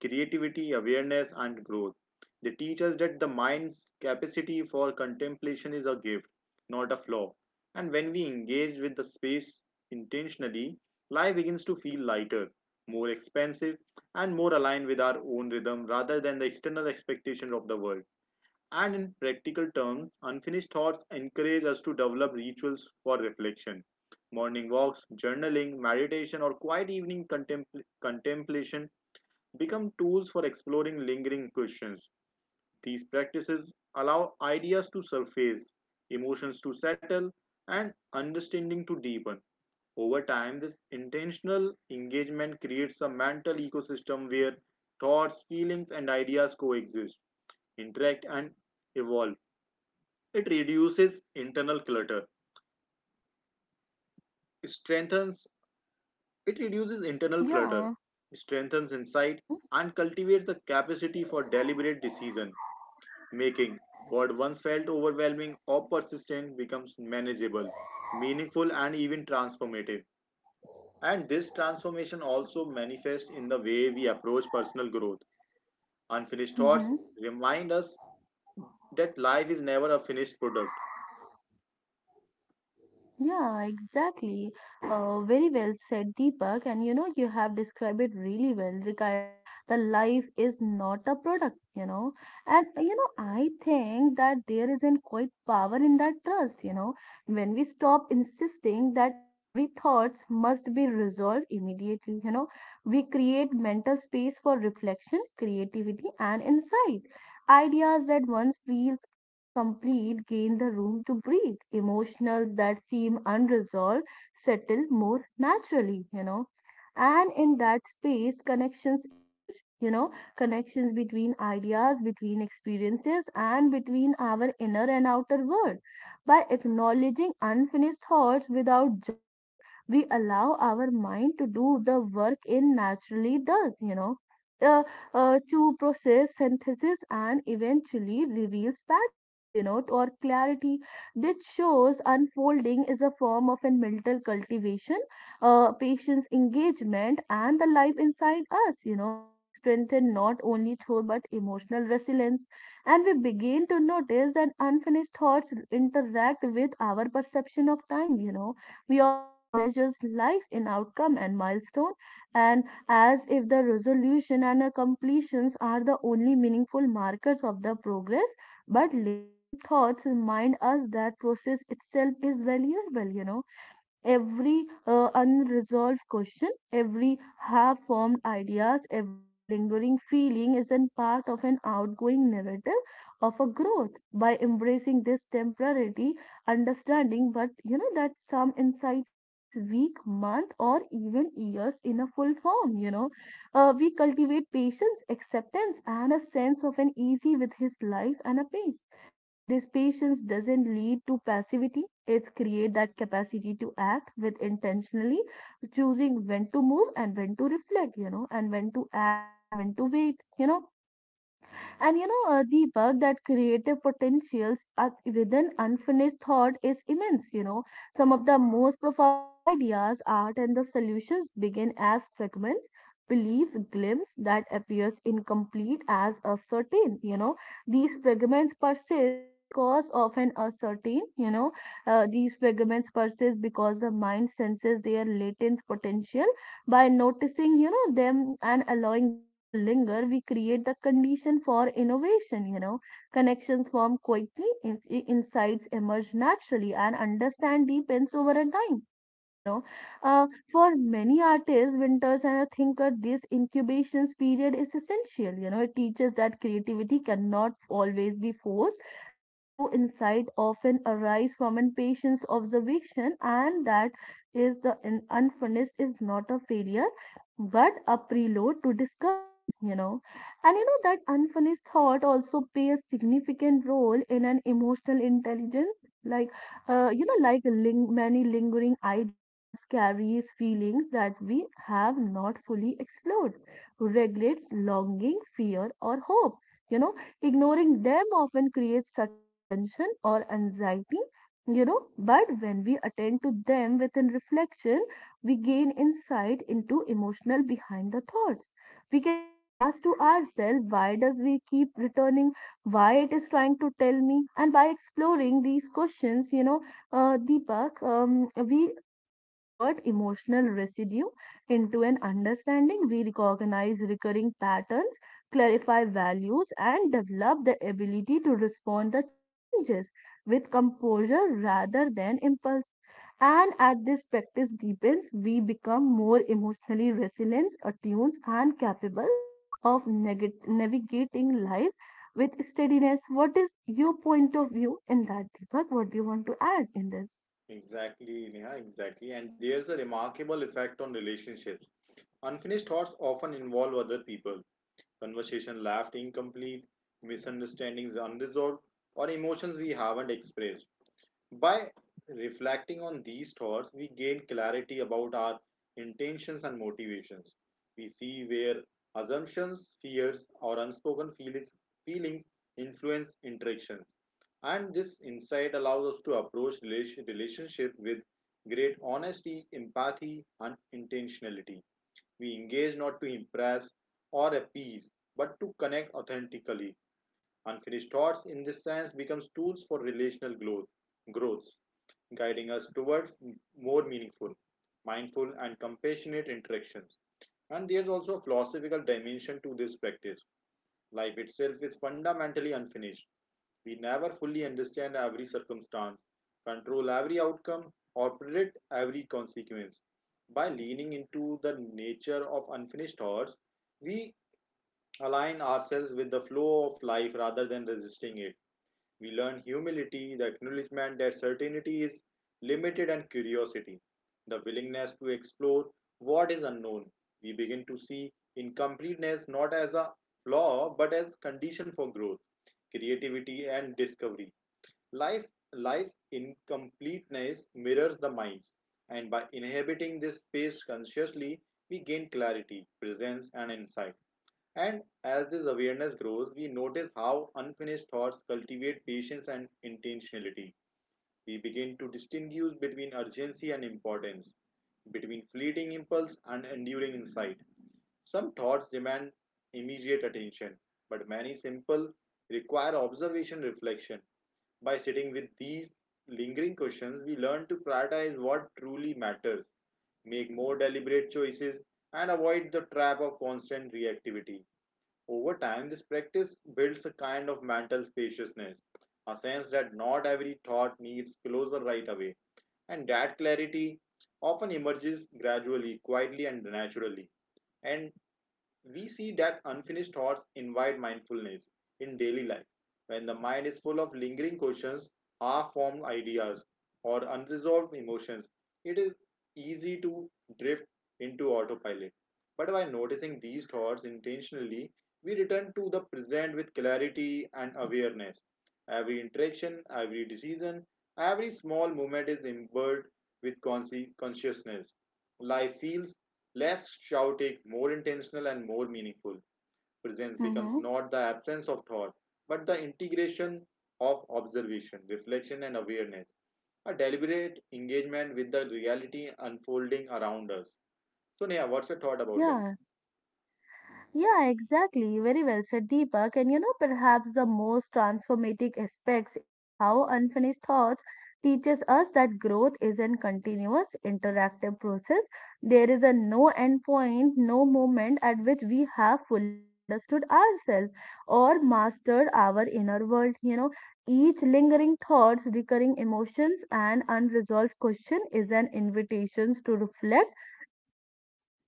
creativity, awareness, and growth. They teach us that the mind's capacity for contemplation is a gift, not a flaw. And when we engage with the space intentionally, life begins to feel lighter, more expansive, and more aligned with our own rhythm rather than the external expectations of the world. And in practical terms, unfinished thoughts encourage us to develop rituals for reflection. Morning walks, journaling, meditation, or quiet evening contemplation become tools for exploring lingering questions. These practices allow ideas to surface, emotions to settle, and understanding to deepen. Over time, this intentional engagement creates a mental ecosystem where thoughts, feelings, and ideas coexist, interact, and evolve. it reduces internal clutter, strengthens, it reduces internal clutter,
Yeah.
strengthens insight,
Mm-hmm.
and cultivates the capacity for deliberate decision making. What once felt overwhelming or persistent becomes manageable, meaningful, and even transformative. And this transformation also manifests in the way we approach personal growth. Unfinished thoughts
Mm-hmm.
remind us that life is never a finished product.
Yeah, exactly. Very well said, Deepak. And you have described it really well regarding the life is not a product, And I think that there isn't quite power in that trust, When we stop insisting that every thoughts must be resolved immediately, we create mental space for reflection, creativity, and insight. Ideas that once feels incomplete gain the room to breathe. Emotionals that seem unresolved settle more naturally, And in that space, connections emerge, connections between ideas, between experiences, and between our inner and outer world. By acknowledging unfinished thoughts without judgment, we allow our mind to do the work it naturally does, Uh, to process synthesis and eventually reveals patterns, or clarity that shows unfolding is a form of a mental cultivation, patient's engagement, and the life inside us, which strengthen not only through but emotional resilience. And we begin to notice that unfinished thoughts interact with our perception of time, We often measure life in outcome and milestone and as if the resolution and completions are the only meaningful markers of the progress. But lingering thoughts remind us that process itself is valuable. Every unresolved question, every half formed ideas, every lingering feeling is an part of an outgoing narrative of a growth. By embracing this temporality, understanding, but that some insights takes week, month, or even years in a full form. We cultivate patience, acceptance, and a sense of an easy with his life and a pace. This patience doesn't lead to passivity. It's create that capacity to act with intentionally, choosing when to move and when to reflect, and when to act and when to wait, and Deepak, that creative potentials are within unfinished thought is immense. Some of the most profound ideas, art, and the solutions begin as fragments, beliefs, glimpse that appears incomplete as a certain. You know, these fragments persist because of an certain. You know, These fragments persist because the mind senses their latent potential. By noticing, them and allowing them to linger, we create the condition for innovation, Connections form quickly, insights emerge naturally, and understand deepens over a time. You know, for many artists, winters and a thinker, this incubation period is essential. It teaches that creativity cannot always be forced, that true insight often arise from an patient's observation, and that is the unfinished is not a failure what a preload to discovery, And that unfinished thought also plays significant role in an emotional intelligence. Like, Many lingering ideas carries feelings that we have not fully explored, regulates longing, fear, or hope. You know, Ignoring them often creates subtle tension or anxiety. But when we attend to them within reflection, we gain insight into emotional behind the thoughts. We can ask to ourselves why does we keep returning, why it is trying to tell me. And by exploring these questions, Deepak, we convert emotional residue into an understanding. We recognize recurring patterns, clarify values, and develop the ability to respond the challenges with composure rather than impulse. And as this practice deepens, we become more emotionally resilient, attuned, and capable of navigating life with steadiness. What is your point of view in that, Deepak? What do you want to add in this?
Exactly, Neha, exactly. And there's a remarkable effect on relationships. Unfinished thoughts often involve other people. Conversation left incomplete, misunderstandings unresolved, or emotions we haven't expressed. By reflecting on these thoughts, we gain clarity about our intentions and motivations. We see where assumptions, fears, or unspoken feelings influence interactions. And this insight allows us to approach relationship with great honesty, empathy, and intentionality. We engage not to impress or appease, but to connect authentically. Unfinished thoughts, in this sense, becomes tools for relational growth, growths, guiding us towards more meaningful, mindful, and compassionate interactions. And there's also a philosophical dimension to this practice. Life itself is fundamentally unfinished. We never fully understand every circumstance, control every outcome, or predict every consequence. By leaning into the nature of unfinished thoughts, we align ourselves with the flow of life rather than resisting it. We learn humility, the acknowledgement that certainty is limited, and curiosity, the willingness to explore what is unknown. We begin to see incompleteness not as a flaw but as condition for growth, creativity, and discovery. Life, life's incompleteness mirrors the mind's, and by inhabiting this space consciously, we gain clarity, presence, and insight. And as this awareness grows, we notice how unfinished thoughts cultivate patience and intentionality. We begin to distinguish between urgency and importance, between fleeting impulse and enduring insight. Some thoughts demand immediate attention, but many simple require observation reflection by sitting with these lingering questions, we learn to prioritize what truly matters, make more deliberate choices, and avoid the trap of constant reactivity. Over time, this practice builds a kind of mental spaciousness, a sense that not every thought needs closure right away, and that clarity often emerges gradually, quietly, and naturally. And we see that unfinished thoughts invite mindfulness in daily life. When the mind is full of lingering questions, half formed ideas, or unresolved emotions, it is easy to drift into autopilot. But by noticing these thoughts intentionally, we return to the present with clarity and awareness. Every interaction, every decision, every small movement is imbued with consciousness. Life feels less shouting, more intentional, and more meaningful. Presence becomes
Mm-hmm.
not the absence of thought, but the integration of observation, reflection, and awareness. A deliberate engagement with the reality unfolding around us. So, Neha, what's your thought about that?
Yeah. Yeah, exactly. Very well said, Deepak. And perhaps the most transformative aspects is how unfinished thoughts teaches us that growth is a continuous interactive process. There is a no end point, no moment at which we have fully understood ourselves or mastered our inner world. Each lingering thoughts, recurring emotions, and unresolved question is an invitation to reflect,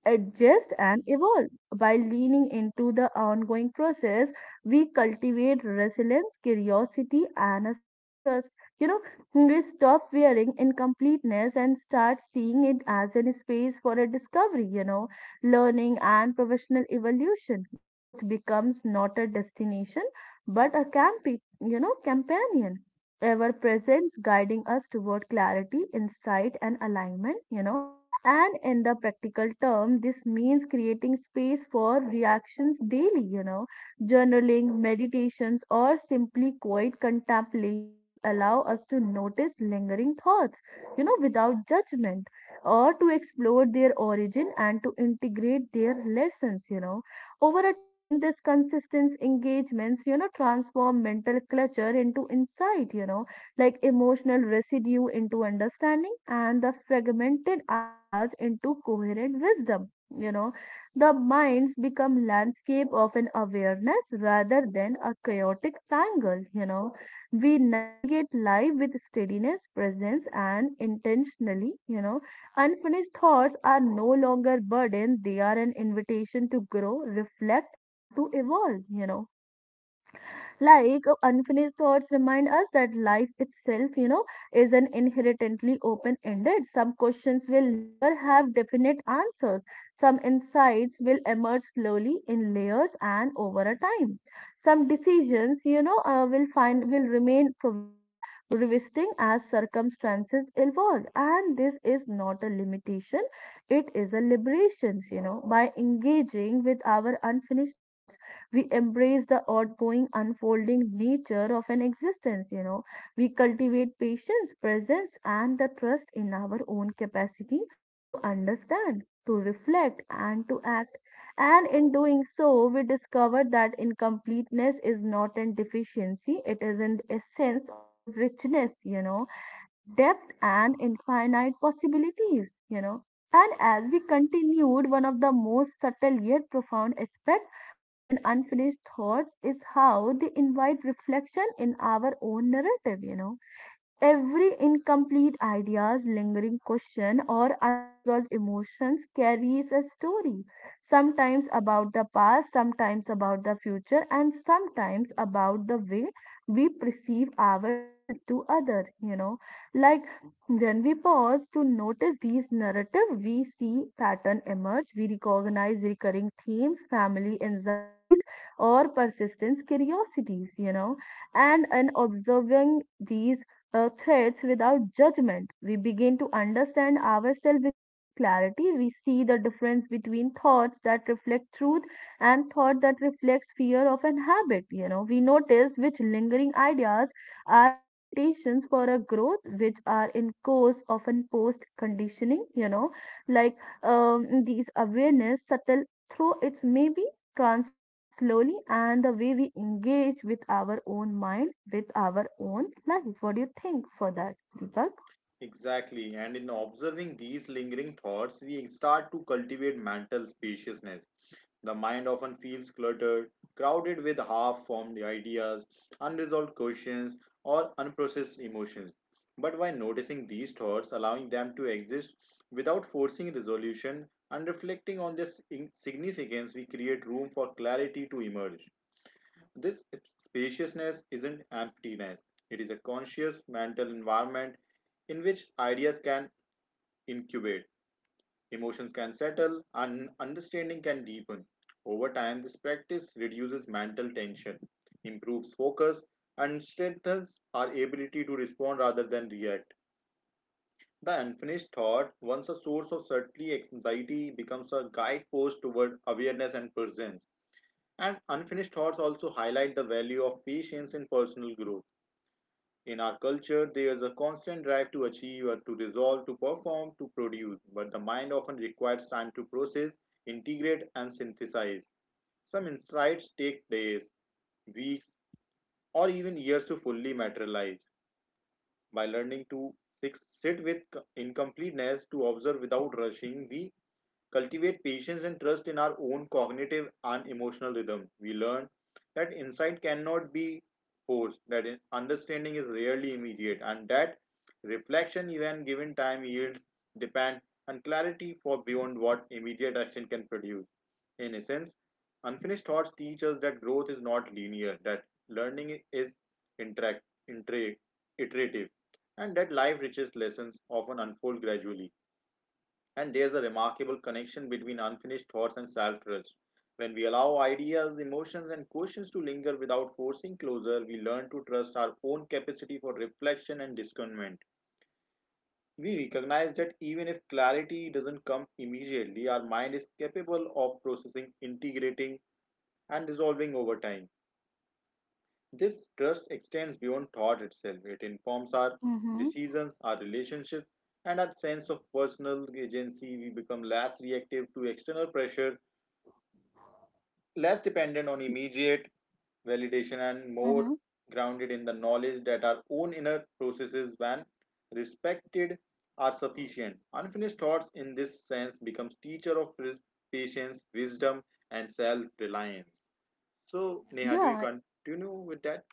adjust, and evolve. By leaning into the ongoing process, we cultivate resilience, curiosity, and a self trust. You know, we stop fearing incompleteness and start seeing it as a space for a discovery, learning and professional evolution. Growth becomes not a destination but a companion ever presence guiding us toward clarity, insight, and alignment. And in the practical term, this means creating space for reactions daily, Journaling, meditations, or simply quiet contemplations allow us to notice lingering thoughts, without judgment, or to explore their origin and to integrate their lessons, Over a time, this consistent engagements, transform mental clutter into insight, like emotional residue into understanding and the fragmented ideas into coherent wisdom. You know, the minds become landscape of an awareness rather than a chaotic tangle. We navigate life with steadiness, presence, and intentionally. Unfinished thoughts are no longer burden; they are an invitation to grow, reflect, and to evolve. Unfinished thoughts remind us that life itself, is an inherently open ended. Some questions will never have definite answers. Some insights will emerge slowly in layers and over a time. Some decisions, will remain provisional, revisiting as circumstances evolve. And this is not a limitation; it is a liberation. By engaging with our unfinished thoughts we embrace the outgoing, unfolding nature of an existence, We cultivate patience, presence, and the trust in our own capacity to understand, to reflect, and to act. And in doing so, we discover that incompleteness is not an deficiency, it is an essence of a richness, depth and infinite possibilities, And as we continued, one of the most subtle yet profound aspects of an unfinished thoughts is how they invite reflection in our own narrative, every incomplete ideas, lingering question, or unresolved emotions carries a story, sometimes about the past, sometimes about the future, and sometimes about the way we perceive ourselves to other, Like when we pause to notice these narrative, we see pattern emerge, we recognize recurring themes, family anxieties, or persistence curiosities, And in observing these threats without judgment. We begin to understand ourselves with great clarity. We see the difference between thoughts that reflect truth and thought that reflects fear of an habit. We notice which lingering ideas are invitations for a growth, which are in course of an post conditioning. Like these awareness subtle through its maybe transforms slowly and the way we engage with our own mind, with our own life. What do you think for that, Deepak?
Exactly, and in observing these lingering thoughts, we start to cultivate mental spaciousness. The mind often feels cluttered, crowded with half formed ideas, unresolved questions, or unprocessed emotions. But by noticing these thoughts, allowing them to exist without forcing resolution, and reflecting on their significance, we create room for clarity to emerge. This spaciousness isn't emptiness, it is a conscious mental environment in which ideas can incubate. Emotions can settle and understanding can deepen. Over time, this practice reduces mental tension, improves focus, and strengthens our ability to respond rather than react. The unfinished thought, once a source of certainty, anxiety becomes a guidepost toward awareness and presence. And unfinished thoughts also highlight the value of patience in personal growth in our culture, there is a constant drive to achieve, or to resolve, to perform, to produce, but the mind often requires time to process, integrate, and synthesize. Some insights take days, weeks, or even years to fully materialize. By learning to sit with incompleteness, to observe without rushing, we cultivate patience and trust in our own cognitive and emotional rhythm. We learn that insight cannot be forced, that understanding is rarely immediate, and that reflection, even given time, yields depend and clarity for beyond what immediate action can produce. In essence, unfinished thoughts teach us that growth is not linear, that learning is interact, interact, iterative, and that life richest lessons often unfold gradually. And there's a remarkable connection between unfinished thoughts and self trust. When we allow ideas, emotions, and questions to linger without forcing closure, we learn to trust our own capacity for reflection and discernment. We recognize that even if clarity doesn't come immediately, our mind is capable of processing, integrating, and resolving over time. This trust extends beyond thought itself, it informs our
Mm-hmm.
decisions, our relationships, and our sense of personal agency, we become less reactive to external pressure less dependent on immediate validation and
Mm-hmm.
more grounded in the knowledge that our own inner processes, when respected, are sufficient. Unfinished thoughts, in this sense, becomes teacher of patience, wisdom, and self-reliance. So, Neha, do you
Yeah,
continue with that?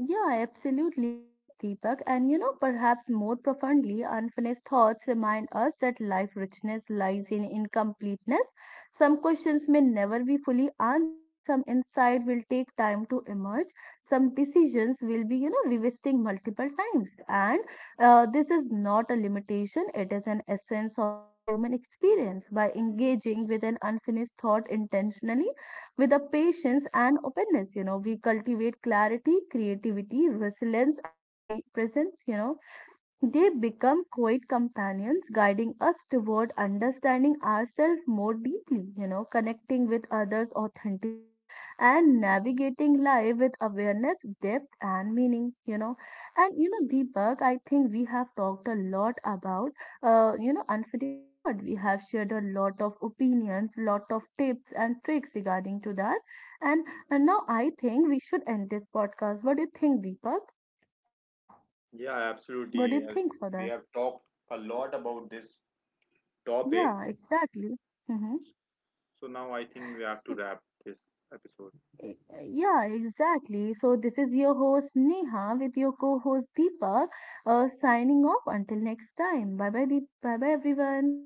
Yeah, absolutely correct, Deepak. And perhaps more profoundly, unfinished thoughts remind us that life richness lies in incompleteness. Some questions may never be fully answered, some insight will take time to emerge, some decisions will be, revisiting multiple times. And this is not a limitation, it is an essence of an human experience. By engaging with an unfinished thought intentionally, with a patience and openness, we cultivate clarity, creativity, resilience, and presence. They become quiet companions, guiding us toward understanding ourselves more deeply, connecting with others authentically, and navigating life with awareness, depth, and meaning, And, Deepak, I think we have talked a lot about, unfinished thought. We have shared a lot of opinions, lot of tips and tricks regarding to that. And now I think we should end this podcast. What do you think, Deepak?
Yeah,
What do
absolutely.
you
As
think for
we
that?
have talked a lot about this topic,
Yeah, exactly. Hmm.
so now I think we have to
So,
wrap this episode.
yeah, exactly. So, this is your host Neha with your co host Deepak, signing off until next time. Bye bye, bye bye, everyone.